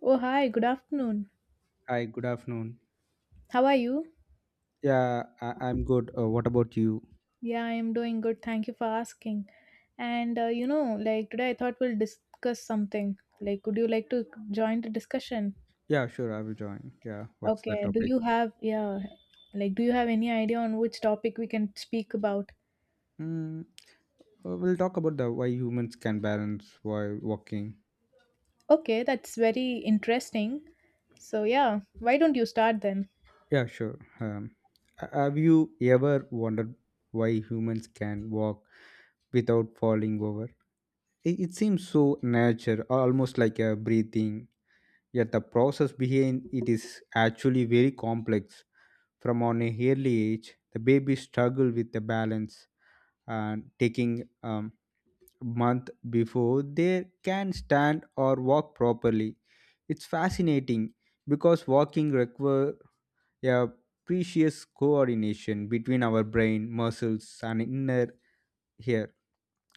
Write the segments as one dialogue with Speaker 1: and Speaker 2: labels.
Speaker 1: Oh, hi, good afternoon.
Speaker 2: Hi, good afternoon.
Speaker 1: How are you?
Speaker 2: I'm good. What about you?
Speaker 1: Yeah, I am doing good. Thank you for asking. And you know, like today I thought we'll discuss something. Like, would you like to join the discussion?
Speaker 2: Yeah, sure, I will join. Yeah, what's the
Speaker 1: Okay, do
Speaker 2: topic?
Speaker 1: you have, yeah, like, do you have any idea on which topic we can speak about?
Speaker 2: Mm, we'll talk about the why humans can balance while walking.
Speaker 1: Okay, that's very interesting. So, yeah, why don't you start then?
Speaker 2: Yeah, sure. Um, have you ever wondered why humans can walk without falling over? It seems so natural, almost like a breathing. Yet the process behind it is actually very complex. From on a early age, the babies struggle with the balance and taking um, month before they can stand or walk properly. It's fascinating because walking requires a precious coordination between our brain, muscles, and inner ear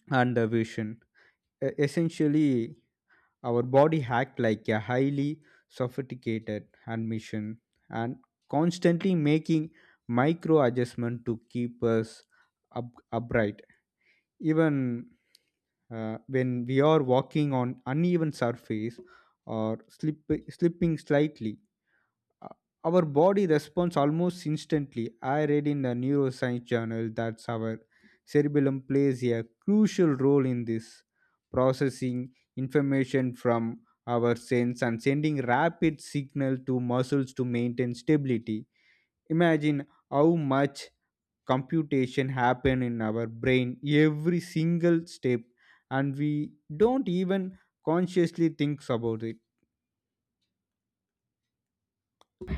Speaker 2: and the vision. Essentially, our body act like a highly sophisticated hand mission and constantly making micro adjustment to keep us upright even when we are walking on uneven surface or slipping slightly. uh, our body responds almost instantly. I read in the neuroscience journal that our cerebellum plays a crucial role in this, processing information from our sense and sending rapid signal to muscles to maintain stability. Imagine how much computation happen in our brain every single step, and we don't even consciously think about it.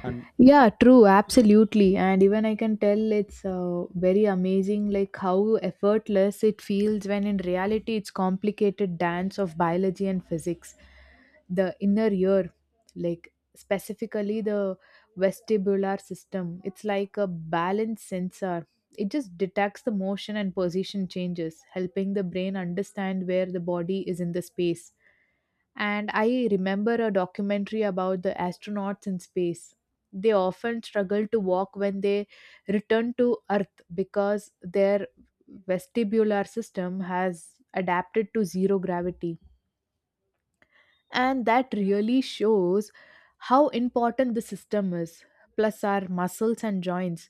Speaker 2: And
Speaker 1: Yeah, true, absolutely. And even I can tell it's very amazing, like how effortless it feels when in reality it's complicated dance of biology and physics. The inner ear, like specifically the vestibular system, it's like a balance sensor. It just detects the motion and position changes, helping the brain understand where the body is in the space. And I remember a documentary about the astronauts in space. They often struggle to walk when they return to Earth because their vestibular system has adapted to zero gravity. And that really shows how important the system is, plus our muscles and joints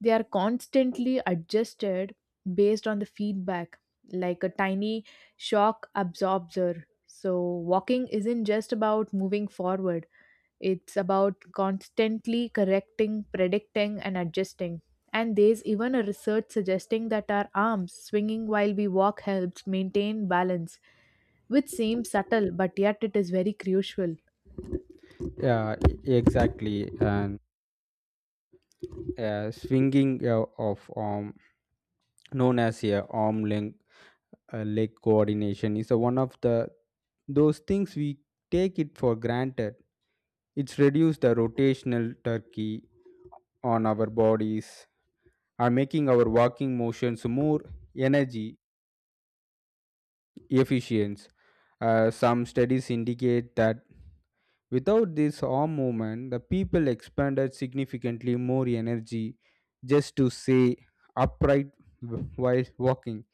Speaker 1: they are constantly adjusted based on the feedback like a tiny shock absorber. So walking isn't just about moving forward, it's about constantly correcting, predicting, and adjusting. And there's even a research suggesting that our arms swinging while we walk helps maintain balance, which seems subtle but yet it is very crucial.
Speaker 2: yeah e- exactly and Swinging of arm, known as a arm length leg coordination is one of the those things we take it for granted. It's reduced the rotational turkey on our bodies, are making our walking motions more energy efficiency. Some studies indicate that without this arm movement, the people expended significantly more energy just to stay upright while walking.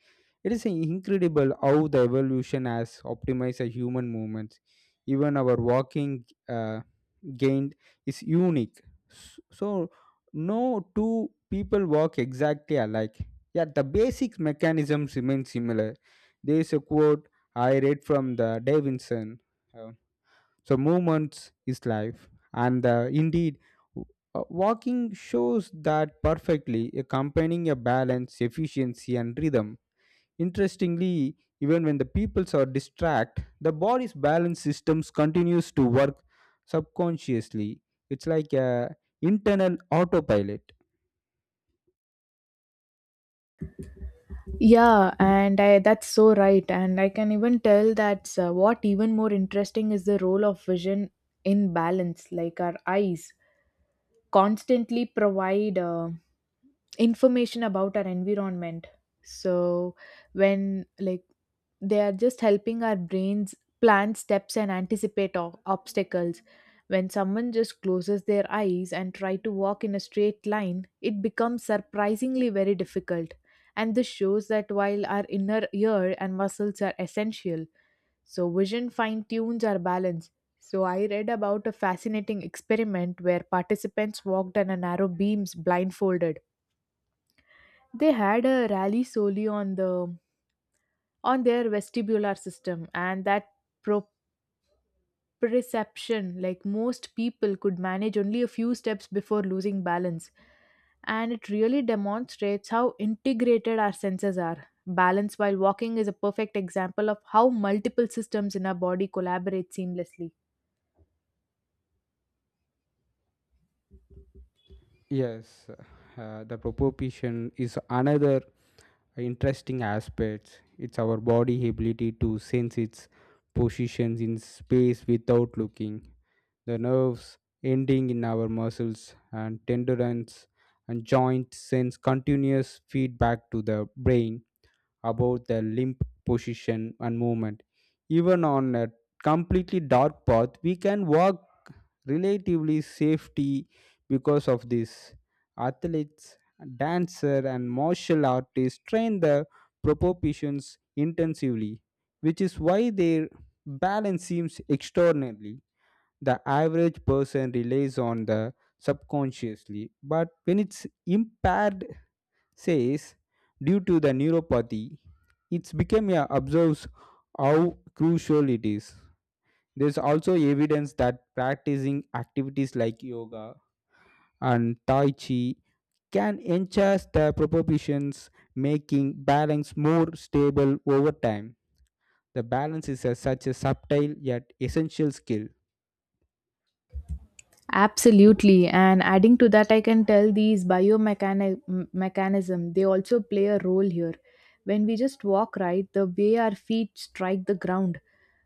Speaker 2: It is incredible how the evolution has optimized the human movements. Even our walking gained is unique. So, no two people walk exactly alike. Yet the basic mechanisms remain similar. There is a quote I read from the Davidson. uh, Movements is life, and indeed, w- walking shows that perfectly, accompanying a balance, efficiency, and rhythm. Interestingly, even when the peoples are distract, the body's balance systems continues to work subconsciously. It's like a internal autopilot.
Speaker 1: Yeah, and I, that's so right. And I can even tell that's what even more interesting is the role of vision in balance. Like our eyes constantly provide information about our environment, so when like they are just helping our brains plan steps and anticipate obstacles. When someone just closes their eyes and try to walk in a straight line, it becomes surprisingly very difficult, and this shows that while our inner ear and muscles are essential, so vision fine tunes our balance. So I read about a fascinating experiment where participants walked on a narrow beams blindfolded. They had a rally solely on their vestibular system and that proprioception, like most people could manage only a few steps before losing balance, and it really demonstrates how integrated our senses are. Balance while walking is a perfect example of how multiple systems in our body collaborate seamlessly.
Speaker 2: Yes, the proposition is another interesting aspect. It's our body ability to sense its positions in space without looking. The nerves ending in our muscles and tendons and joints sends continuous feedback to the brain about the limp position and movement. Even on a completely dark path, we can walk relatively safety because of this. Athletes, dancer, and martial artists train the proportions intensively, which is why their balance seems extraordinarily. The average person relies on the subconsciously, but when it's impaired says due to the neuropathy it's become a observes how crucial it is. There's also evidence that practicing activities like yoga and tai chi can enhance the proportions, making balance more stable over time. The balance is a, such a subtle yet essential skill.
Speaker 1: Absolutely, and adding to that, I can tell these biomechanic mechanism they also play a role here. When we just walk right, the way our feet strike the ground,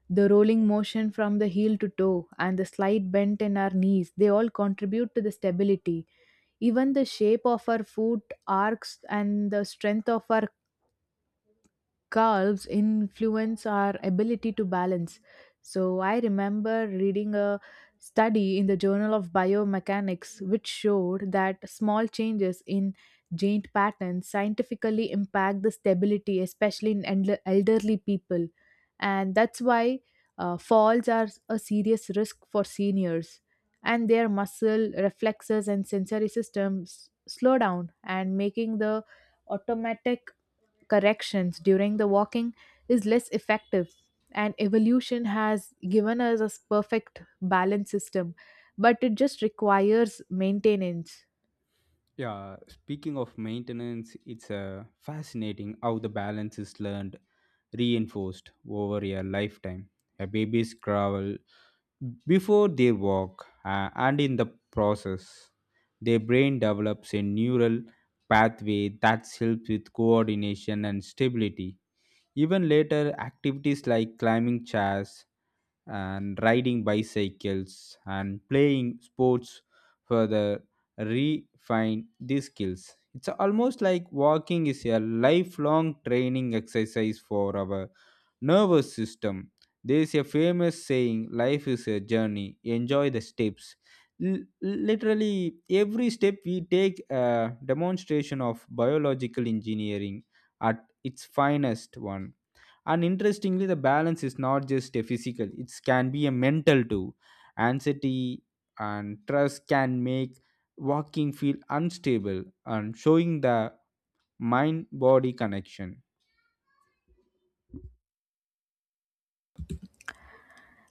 Speaker 1: the rolling motion from the heel to toe, and the slight bend in our knees, they all contribute to the stability. Even the shape of our foot arcs and the strength of our carbs influence our ability to balance. So I remember reading a study in the Journal of Biomechanics which showed that small changes in joint patterns scientifically impact the stability, especially in elderly people. And that's why falls are a serious risk for seniors. And their muscle reflexes and sensory systems slow down, and making the automatic corrections during the walking is less effective. And evolution has given us a perfect balance system, but it just requires maintenance.
Speaker 2: Yeah, speaking of maintenance, it's fascinating how the balance is learned, reinforced over a lifetime. A baby's crawl before they walk, and in the process, their brain develops a neural pathway that helps with coordination and stability. Even later, activities like climbing chairs and riding bicycles and playing sports further refine these skills. It's almost like walking is a lifelong training exercise for our nervous system. There is a famous saying life is a journey, enjoy the steps. Literally, every step we take a demonstration of biological engineering at its finest one. And interestingly the balance is not just a physical, it can be a mental too. Anxiety and trust can make walking feel unstable, and showing the mind body connection.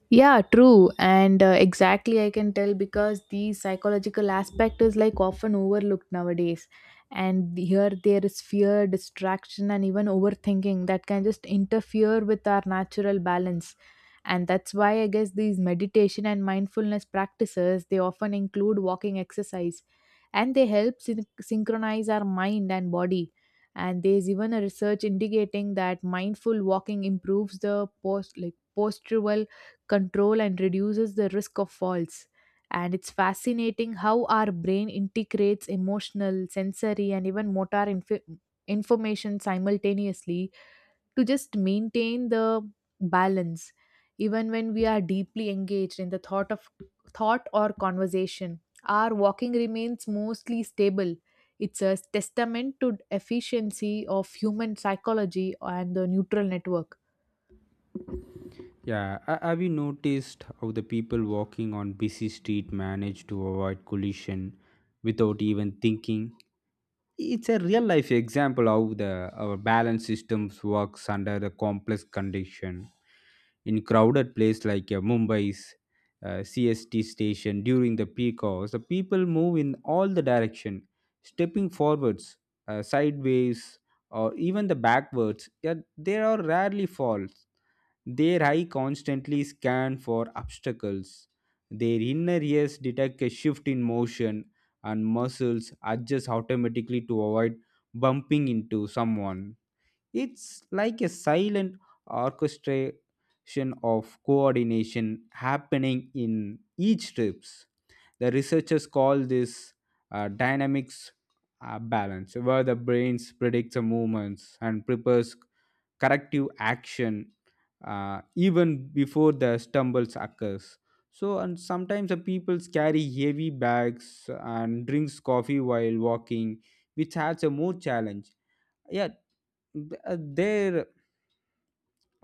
Speaker 1: Yeah, true. And exactly, I can tell because the psychological aspect is like often overlooked nowadays. And here there is fear, distraction, and even overthinking that can just interfere with our natural balance. And that's why I guess these meditation and mindfulness practices, they often include walking exercise, and they help synchronize our mind and body. And there's even a research indicating that mindful walking improves the post like postural control and reduces the risk of falls. And it's fascinating how our brain integrates emotional, sensory, and even motor information simultaneously to just maintain the balance, even when we are deeply engaged in the thought or conversation. Our walking remains mostly stable. It's a testament to efficiency of human psychology and the neutral network.
Speaker 2: Yeah, have you noticed how the people walking on busy street manage to avoid collision without even thinking? It's a real life example how the our balance systems works under the complex condition. In crowded place like Mumbai's CST station during the peak hours, the people move in all the direction, stepping forwards, sideways, or even the backwards, yet there are rarely falls. Their eye constantly scan for obstacles, their inner ears detect a shift in motion, and muscles adjust automatically to avoid bumping into someone. It's like a silent orchestration of coordination happening in each strips. The researchers call this dynamics balance, where the brain predicts the movements and prepares corrective action even before the stumbles occurs. So and sometimes the people carry heavy bags and drinks coffee while walking, which adds a more challenge. yeah their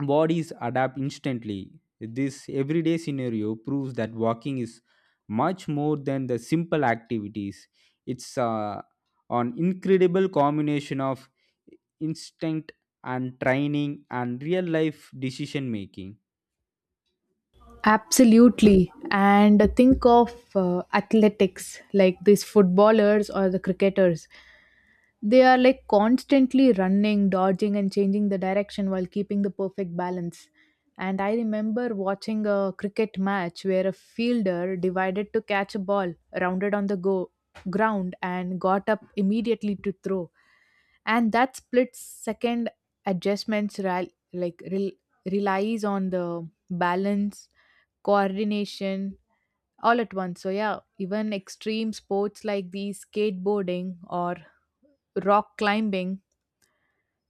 Speaker 2: bodies adapt instantly. This everyday scenario proves that walking is much more than the simple activities. It's an incredible combination of instinct and training and real life decision making.
Speaker 1: Absolutely. And think of athletics like these footballers or the cricketers. They are like constantly running, dodging, and changing the direction while keeping the perfect balance. And I remember watching a cricket match where a fielder divided to catch a ball, rounded on the ground, and got up immediately to throw. And that split second adjustments like rel- relies on the balance coordination all at once. So, yeah, even extreme sports like the skateboarding or rock climbing,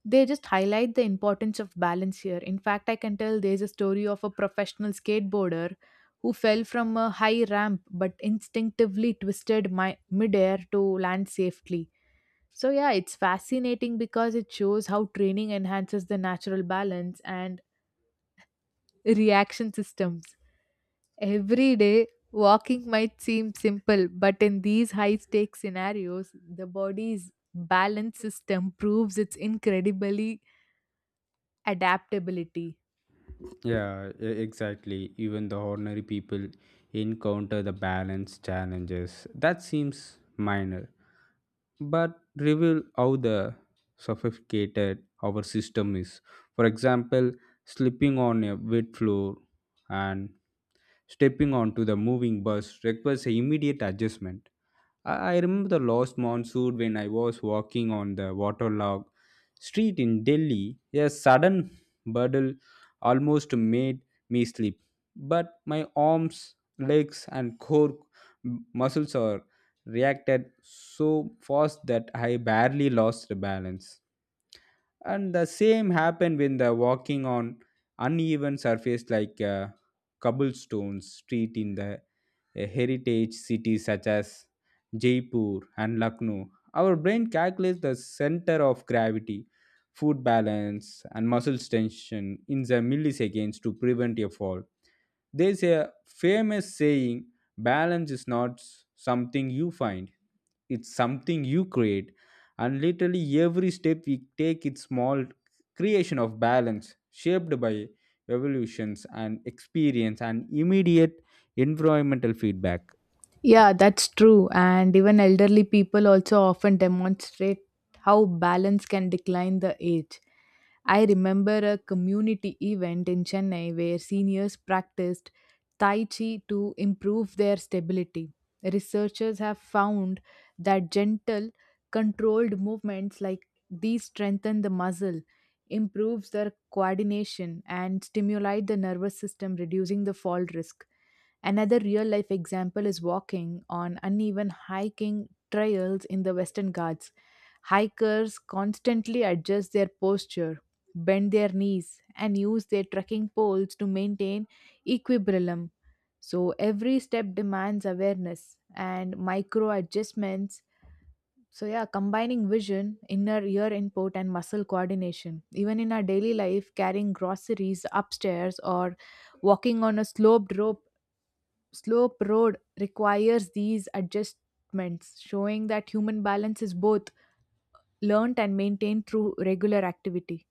Speaker 1: they just highlight the importance of balance here. In fact, I can tell there's a story of a professional skateboarder who fell from a high ramp but instinctively twisted my midair to land safely. So, yeah, it's fascinating because it shows how training enhances the natural balance and reaction systems. Every day, walking might seem simple, but in these high stakes scenarios, the body's balance system proves its incredibly adaptability.
Speaker 2: Yeah, exactly. Even the ordinary people encounter the balance challenges. That seems minor, but reveal how the sophisticated our system is. For example, slipping on a wet floor and stepping onto the moving bus requires a immediate adjustment. I remember the last monsoon when I was walking on the waterlogged street in Delhi. A sudden puddle almost made me sleep, but my arms, legs, and core muscles are reacted so fast that I barely lost the balance. And the same happened when the walking on uneven surface like a cobblestone street in the heritage cities such as Jaipur and Lucknow. Our brain calculates the center of gravity, food balance, and muscle tension in the milliseconds to prevent a fall. There's a famous saying balance is not something you find, it's something you create. And literally, every step we take, it's small creation of balance shaped by evolutions and experience and immediate environmental feedback.
Speaker 1: Yeah, that's true. And even elderly people also often demonstrate how balance can decline the age. I remember a community event in Chennai where seniors practiced Tai Chi to improve their stability. Researchers have found that gentle, controlled movements like these strengthen the muscle, improves their coordination, and stimulate the nervous system, reducing the fall risk. Another real life example is walking on uneven hiking trails in the Western Ghats. Hikers constantly adjust their posture, bend their knees, and use their trekking poles to maintain equilibrium. So every step demands awareness and micro adjustments. So, yeah, combining vision, inner ear input, and muscle coordination. Even in our daily life, carrying groceries upstairs or walking on a slope road requires these adjustments, showing that human balance is both learnt and maintained through regular activity.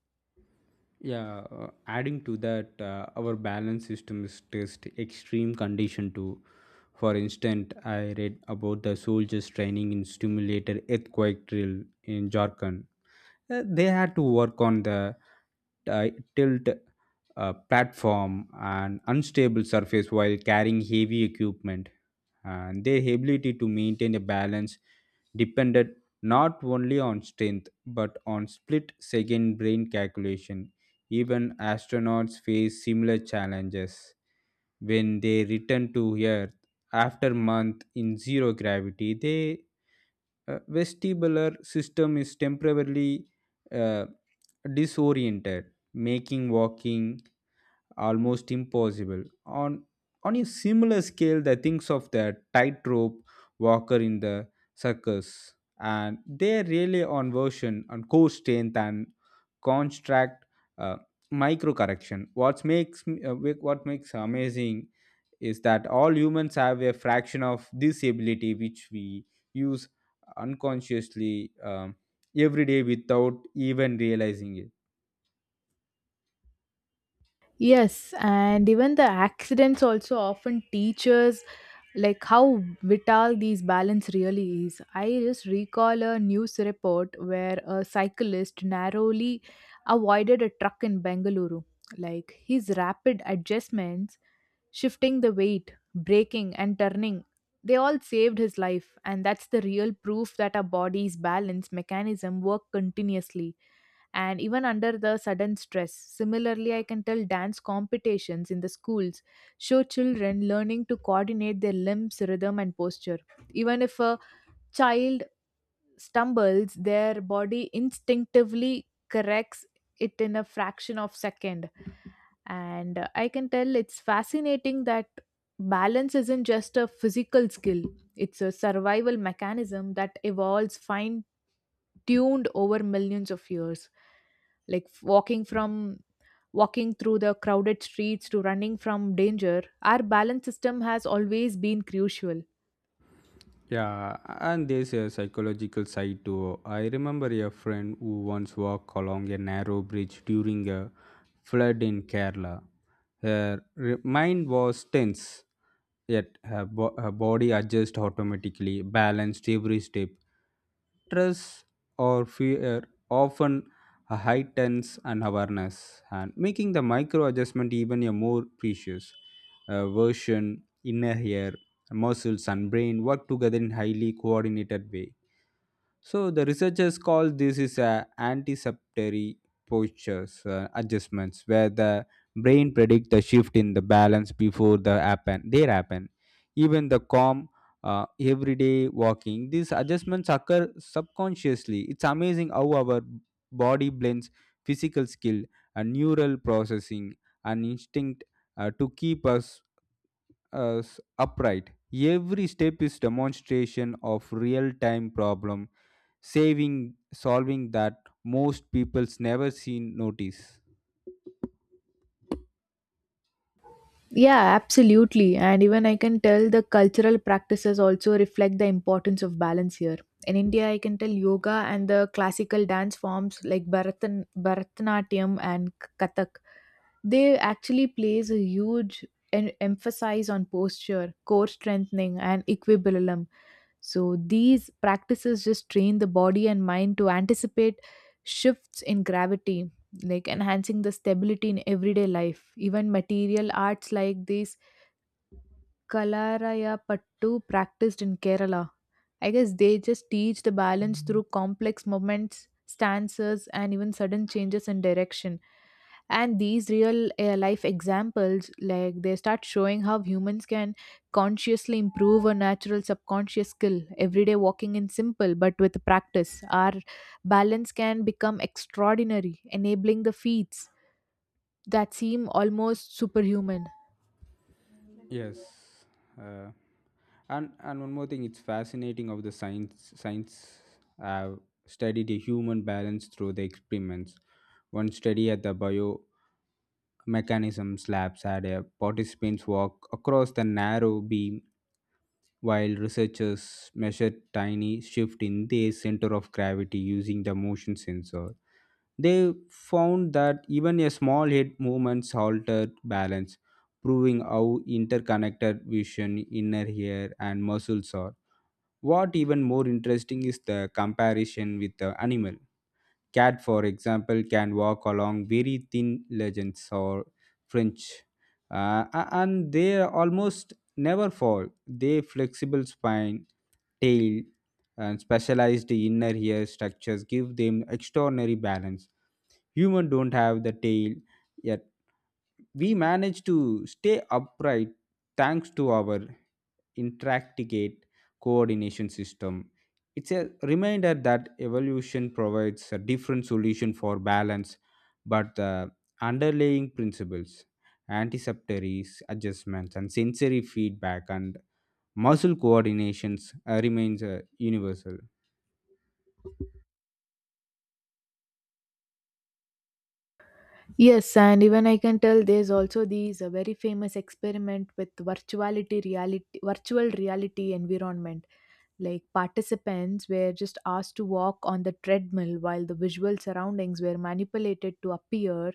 Speaker 2: Yeah, adding to that, our balance system is test extreme condition too. For instance, I read about the soldiers training in simulated earthquake drill in Jharkhand. They had to work on the uh, tilt platform and unstable surface while carrying heavy equipment. And their ability to maintain a balance depended not only on strength but on split second brain calculation. Even astronauts face similar challenges when they return to Earth after month in zero gravity. They vestibular system is temporarily uh, disoriented, making walking almost impossible. On a similar scale, the thinks of the tightrope walker in the circus, and they rely on version on core strength and contract uh, micro correction. What makes amazing is that all humans have a fraction of this ability which we use unconsciously every day without even realizing it.
Speaker 1: Yes, and even the accidents also often teach us like how vital these balance really is. I just recall a news report where a cyclist narrowly avoided a truck in Bengaluru. Like his rapid adjustments, shifting the weight, braking, and turning, they all saved his life. And that's the real proof that our body's balance mechanism work continuously, and even under the sudden stress. Similarly, I can tell dance competitions in the schools show children learning to coordinate their limbs, rhythm, and posture. Even if a child stumbles, their body instinctively corrects it in a fraction of second. And I can tell it's fascinating that balance isn't just a physical skill, it's a survival mechanism that evolves fine tuned over millions of years, like walking through the crowded streets to running from danger. Our balance system has always been crucial.
Speaker 2: Yeah, and there's a psychological side too. I remember a friend who once walked along a narrow bridge during a flood in Kerala. Her mind was tense, yet her body adjusted automatically, balanced every step. Stress or fear often heightens an awareness, and making the micro adjustment even a more precious version in a year, the muscles and brain work together in highly coordinated way. So the researchers call this is a anticipatory postures adjustments, where the brain predict the shift in the balance before they happen. Even the calm everyday walking, these adjustments occur subconsciously. It's amazing how our body blends physical skill and neural processing and instinct to keep us upright. Every step is demonstration of real-time problem saving solving that most people's never seen notice.
Speaker 1: Yeah, absolutely, and even I can tell the cultural practices also reflect the importance of balance here. In India, I can tell yoga and the classical dance forms like bharatanatyam and kathak, they actually place a huge emphasis on posture, core strengthening, and equilibrium. So these practices just train the body and mind to anticipate shifts in gravity, like enhancing the stability in everyday life. Even material arts like these Kalaraya Pattu practiced in Kerala, I guess they just teach the balance through complex movements, stances, and even sudden changes in direction. And these real life examples, like they start showing how humans can consciously improve a natural subconscious skill. Everyday walking in simple, but with practice our balance can become extraordinary, enabling the feats that seem almost superhuman.
Speaker 2: Yes, uh, and one more thing, it's fascinating of the science have studied the human balance through the experiments. One study at the biomechanisms labs had a participants walk across the narrow beam while researchers measured tiny shift in their center of gravity using the motion sensor. They found that even a small head movements altered balance, proving how interconnected vision, inner ear, and muscles are. What even more interesting is the comparison with the animal. Cat, for example, can walk along very thin legends or French, and they almost never fall. Their flexible spine tail, and specialized inner ear structures give them extraordinary balance. Humans don't have the tail, yet we manage to stay upright thanks to our intricate coordination system. It's a reminder that evolution provides a different solution for balance, but the underlying principles, anticipatory adjustments, and sensory feedback and muscle coordinations remains universal.
Speaker 1: Yes, and even I can tell there's also these a very famous experiment with virtual reality environment. Like participants were just asked to walk on the treadmill while the visual surroundings were manipulated to appear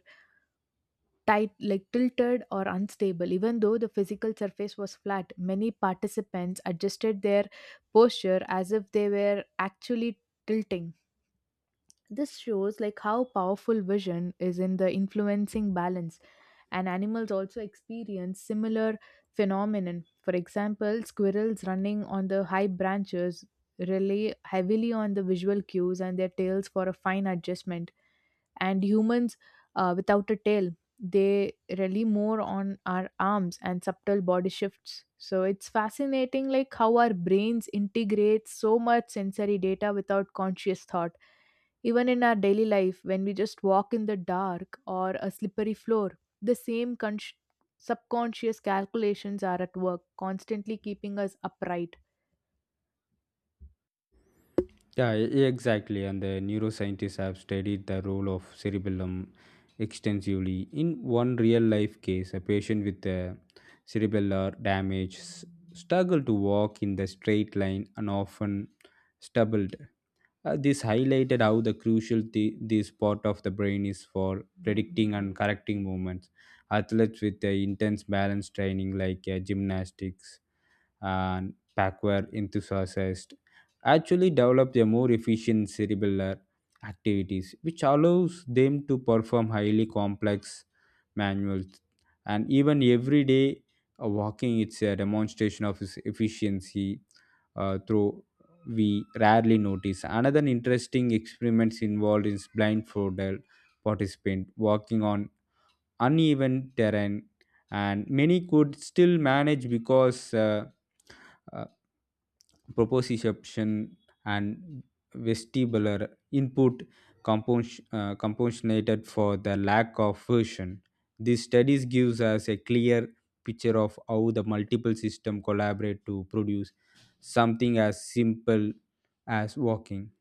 Speaker 1: tight like tilted or unstable. Even though the physical surface was flat, many participants adjusted their posture as if they were actually tilting. This shows like how powerful vision is in the influencing balance. And animals also experience similar phenomenon. For example, squirrels running on the high branches rely heavily on the visual cues and their tails for a fine adjustment. And humans, without a tail, they rely more on our arms and subtle body shifts. So it's fascinating like how our brains integrate so much sensory data without conscious thought. Even in our daily life, when we just walk in the dark or a slippery floor, the same subconscious calculations are at work, constantly keeping us upright.
Speaker 2: Yeah, exactly. And the neuroscientists have studied the role of cerebellum extensively. In one real life case, a patient with cerebellar damage struggled to walk in the straight line and often stumbled. This highlighted how the crucial this part of the brain is for predicting and correcting movements. Athletes with intense balance training, like gymnastics, and backward enthusiasts actually develop a more efficient cerebellar activities, which allows them to perform highly complex manuals. And even everyday walking, it's a demonstration of its efficiency through we rarely notice. Another interesting experiments involved is blindfolded participant walking on uneven terrain, and many could still manage because uh, proposition and vestibular input compensated for the lack of version. These studies gives us a clear picture of how the multiple system collaborate to produce something as simple as walking.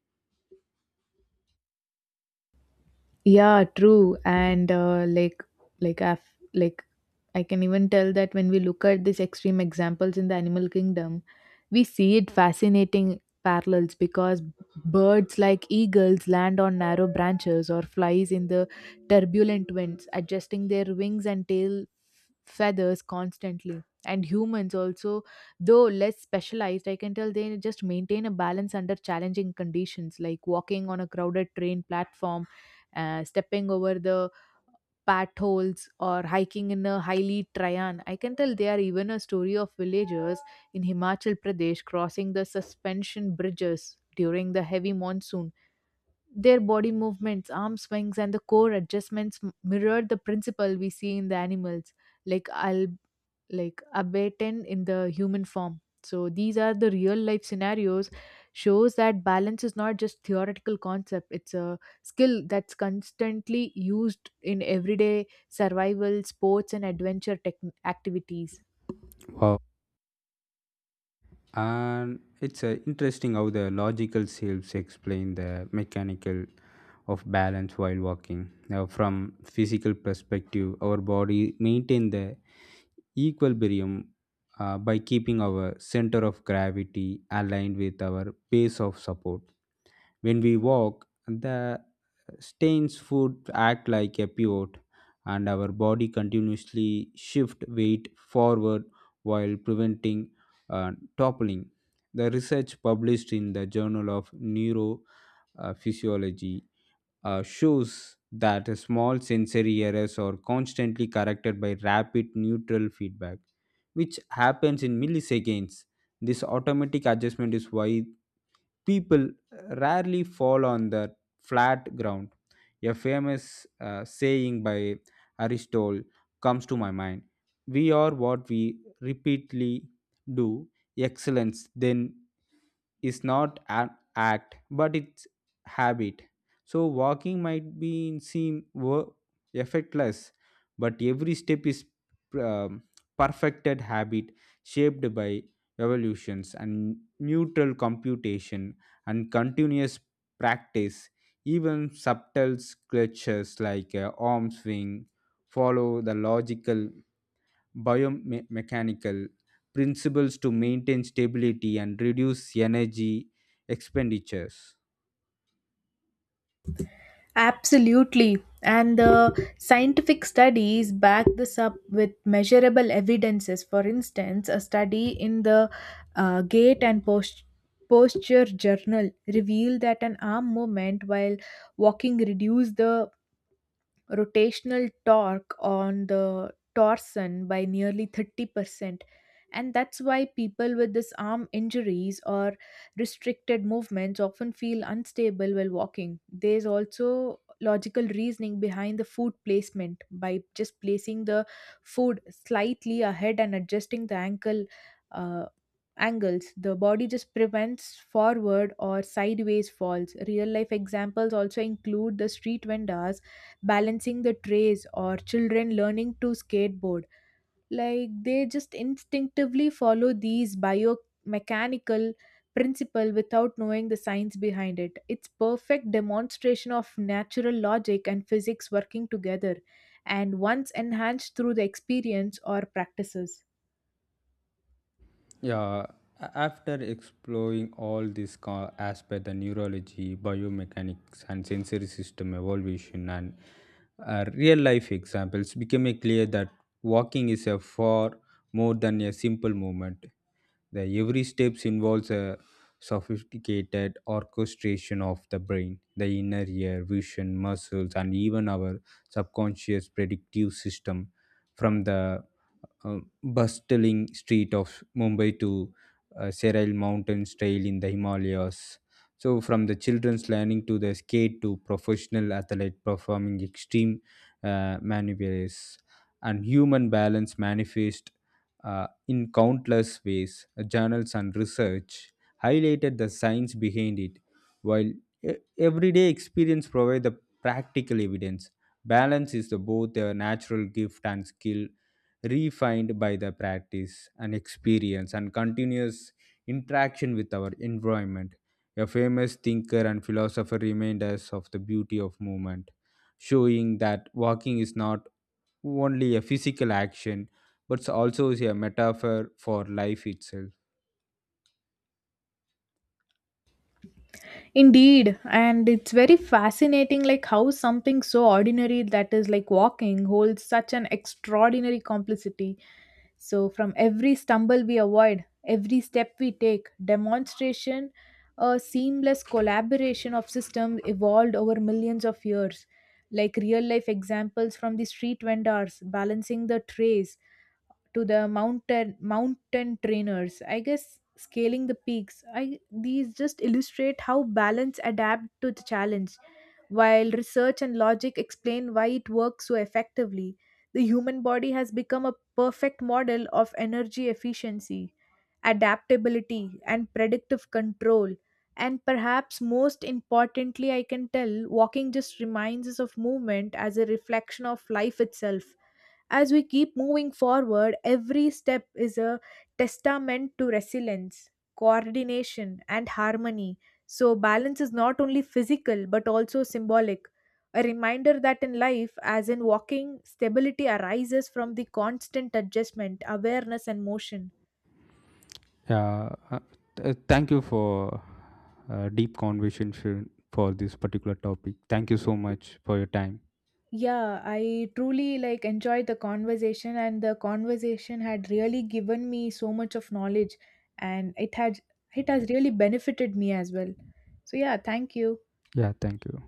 Speaker 1: Yeah, true. And like I've like, I can even tell that when we look at these extreme examples in the animal kingdom, we see it fascinating parallels because birds like eagles land on narrow branches or flies in the turbulent winds, adjusting their wings and tail feathers constantly. And humans also, though less specialized, I can tell they just maintain a balance under challenging conditions, like walking on a crowded train platform, stepping over the potholes or hiking in a highly trayan. I can tell they are even a story of villagers in Himachal Pradesh crossing the suspension bridges during the heavy monsoon. Their body movements, arm swings, and the core adjustments mirrored the principle we see in the animals, like abaten in the human form. So these are the real life scenarios shows that balance is not just theoretical concept, it's a skill that's constantly used in everyday survival, sports, and adventure tech activities.
Speaker 2: Wow, and it's interesting how the logical selves explain the mechanical of balance while walking. Now from physical perspective, our body maintain the equilibrium by keeping our center of gravity aligned with our base of support. When we walk, the stains foot act like a pivot, and our body continuously shift weight forward while preventing uh, toppling. The research published in the Journal of Neurophysiology shows that small sensory errors are constantly corrected by rapid neutral feedback, which happens in milliseconds. This automatic adjustment is why people rarely fall on the flat ground. A famous saying by Aristotle comes to my mind. We are what we repeatedly do, excellence, then is not an act but it's habit. So walking might be seen effortless, but every step is um, perfected habit shaped by evolutions and neutral computation and continuous practice. Even subtle clutches like arm swing follow the logical biomechanical principles to maintain stability and reduce energy expenditures.
Speaker 1: Absolutely. And the scientific studies back this up with measurable evidences. For instance, a study in the Gait and Posture Journal revealed that an arm movement while walking reduced the rotational torque on the torsion by nearly 30%. And that's why people with this arm injuries or restricted movements often feel unstable while walking. There's also logical reasoning behind the foot placement, by just placing the foot slightly ahead and adjusting the ankle uh, angles, the body just prevents forward or sideways falls. Real life examples also include the street vendors balancing the trays or children learning to skateboard. Like they just instinctively follow these biomechanical principle without knowing the science behind it. It's perfect demonstration of natural logic and physics working together, and once enhanced through the experience or practices.
Speaker 2: Yeah, after exploring all these aspect, the neurology, biomechanics, and sensory system evolution, and real life examples, became clear that walking is a far more than a simple movement. The every steps involves a sophisticated orchestration of the brain, the inner ear, vision, muscles, and even our subconscious predictive system. From the uh, bustling street of Mumbai to Seral Mountains trail in the Himalayas. So, from the children's learning to the skate to professional athlete performing extreme maneuvers, and human balance manifest in countless ways. Journals and research highlighted the science behind it, while everyday experience provide the practical evidence. Balance is the, both a natural gift and skill refined by the practice and experience and continuous interaction with our environment. A famous thinker and philosopher remind us of the beauty of movement, showing that walking is not only a physical action but it's also is a metaphor for life itself.
Speaker 1: Indeed, and it's very fascinating like how something so ordinary that is like walking holds such an extraordinary complicity. So from every stumble we avoid, every step we take, demonstration, a seamless collaboration of systems evolved over millions of years. Like real life examples from the street vendors balancing the trays to the mountain trainers, I guess scaling the peaks, I these just illustrate how balance adapt to the challenge, while research and logic explain why it works so effectively. The human body has become a perfect model of energy efficiency, adaptability, and predictive control. And perhaps most importantly, I can tell walking just reminds us of movement as a reflection of life itself. As we keep moving forward, every step is a testament to resilience, coordination, and harmony. So, balance is not only physical but also symbolic, a reminder that in life, as in walking, stability arises from the constant adjustment, awareness, and motion.
Speaker 2: Yeah, thank you for deep conversation for this particular topic. Thank you so much for your time.
Speaker 1: Yeah, I truly like enjoyed the conversation, and the conversation had really given me so much of knowledge, and it has really benefited me as well. So yeah, thank you.
Speaker 2: Yeah, thank you.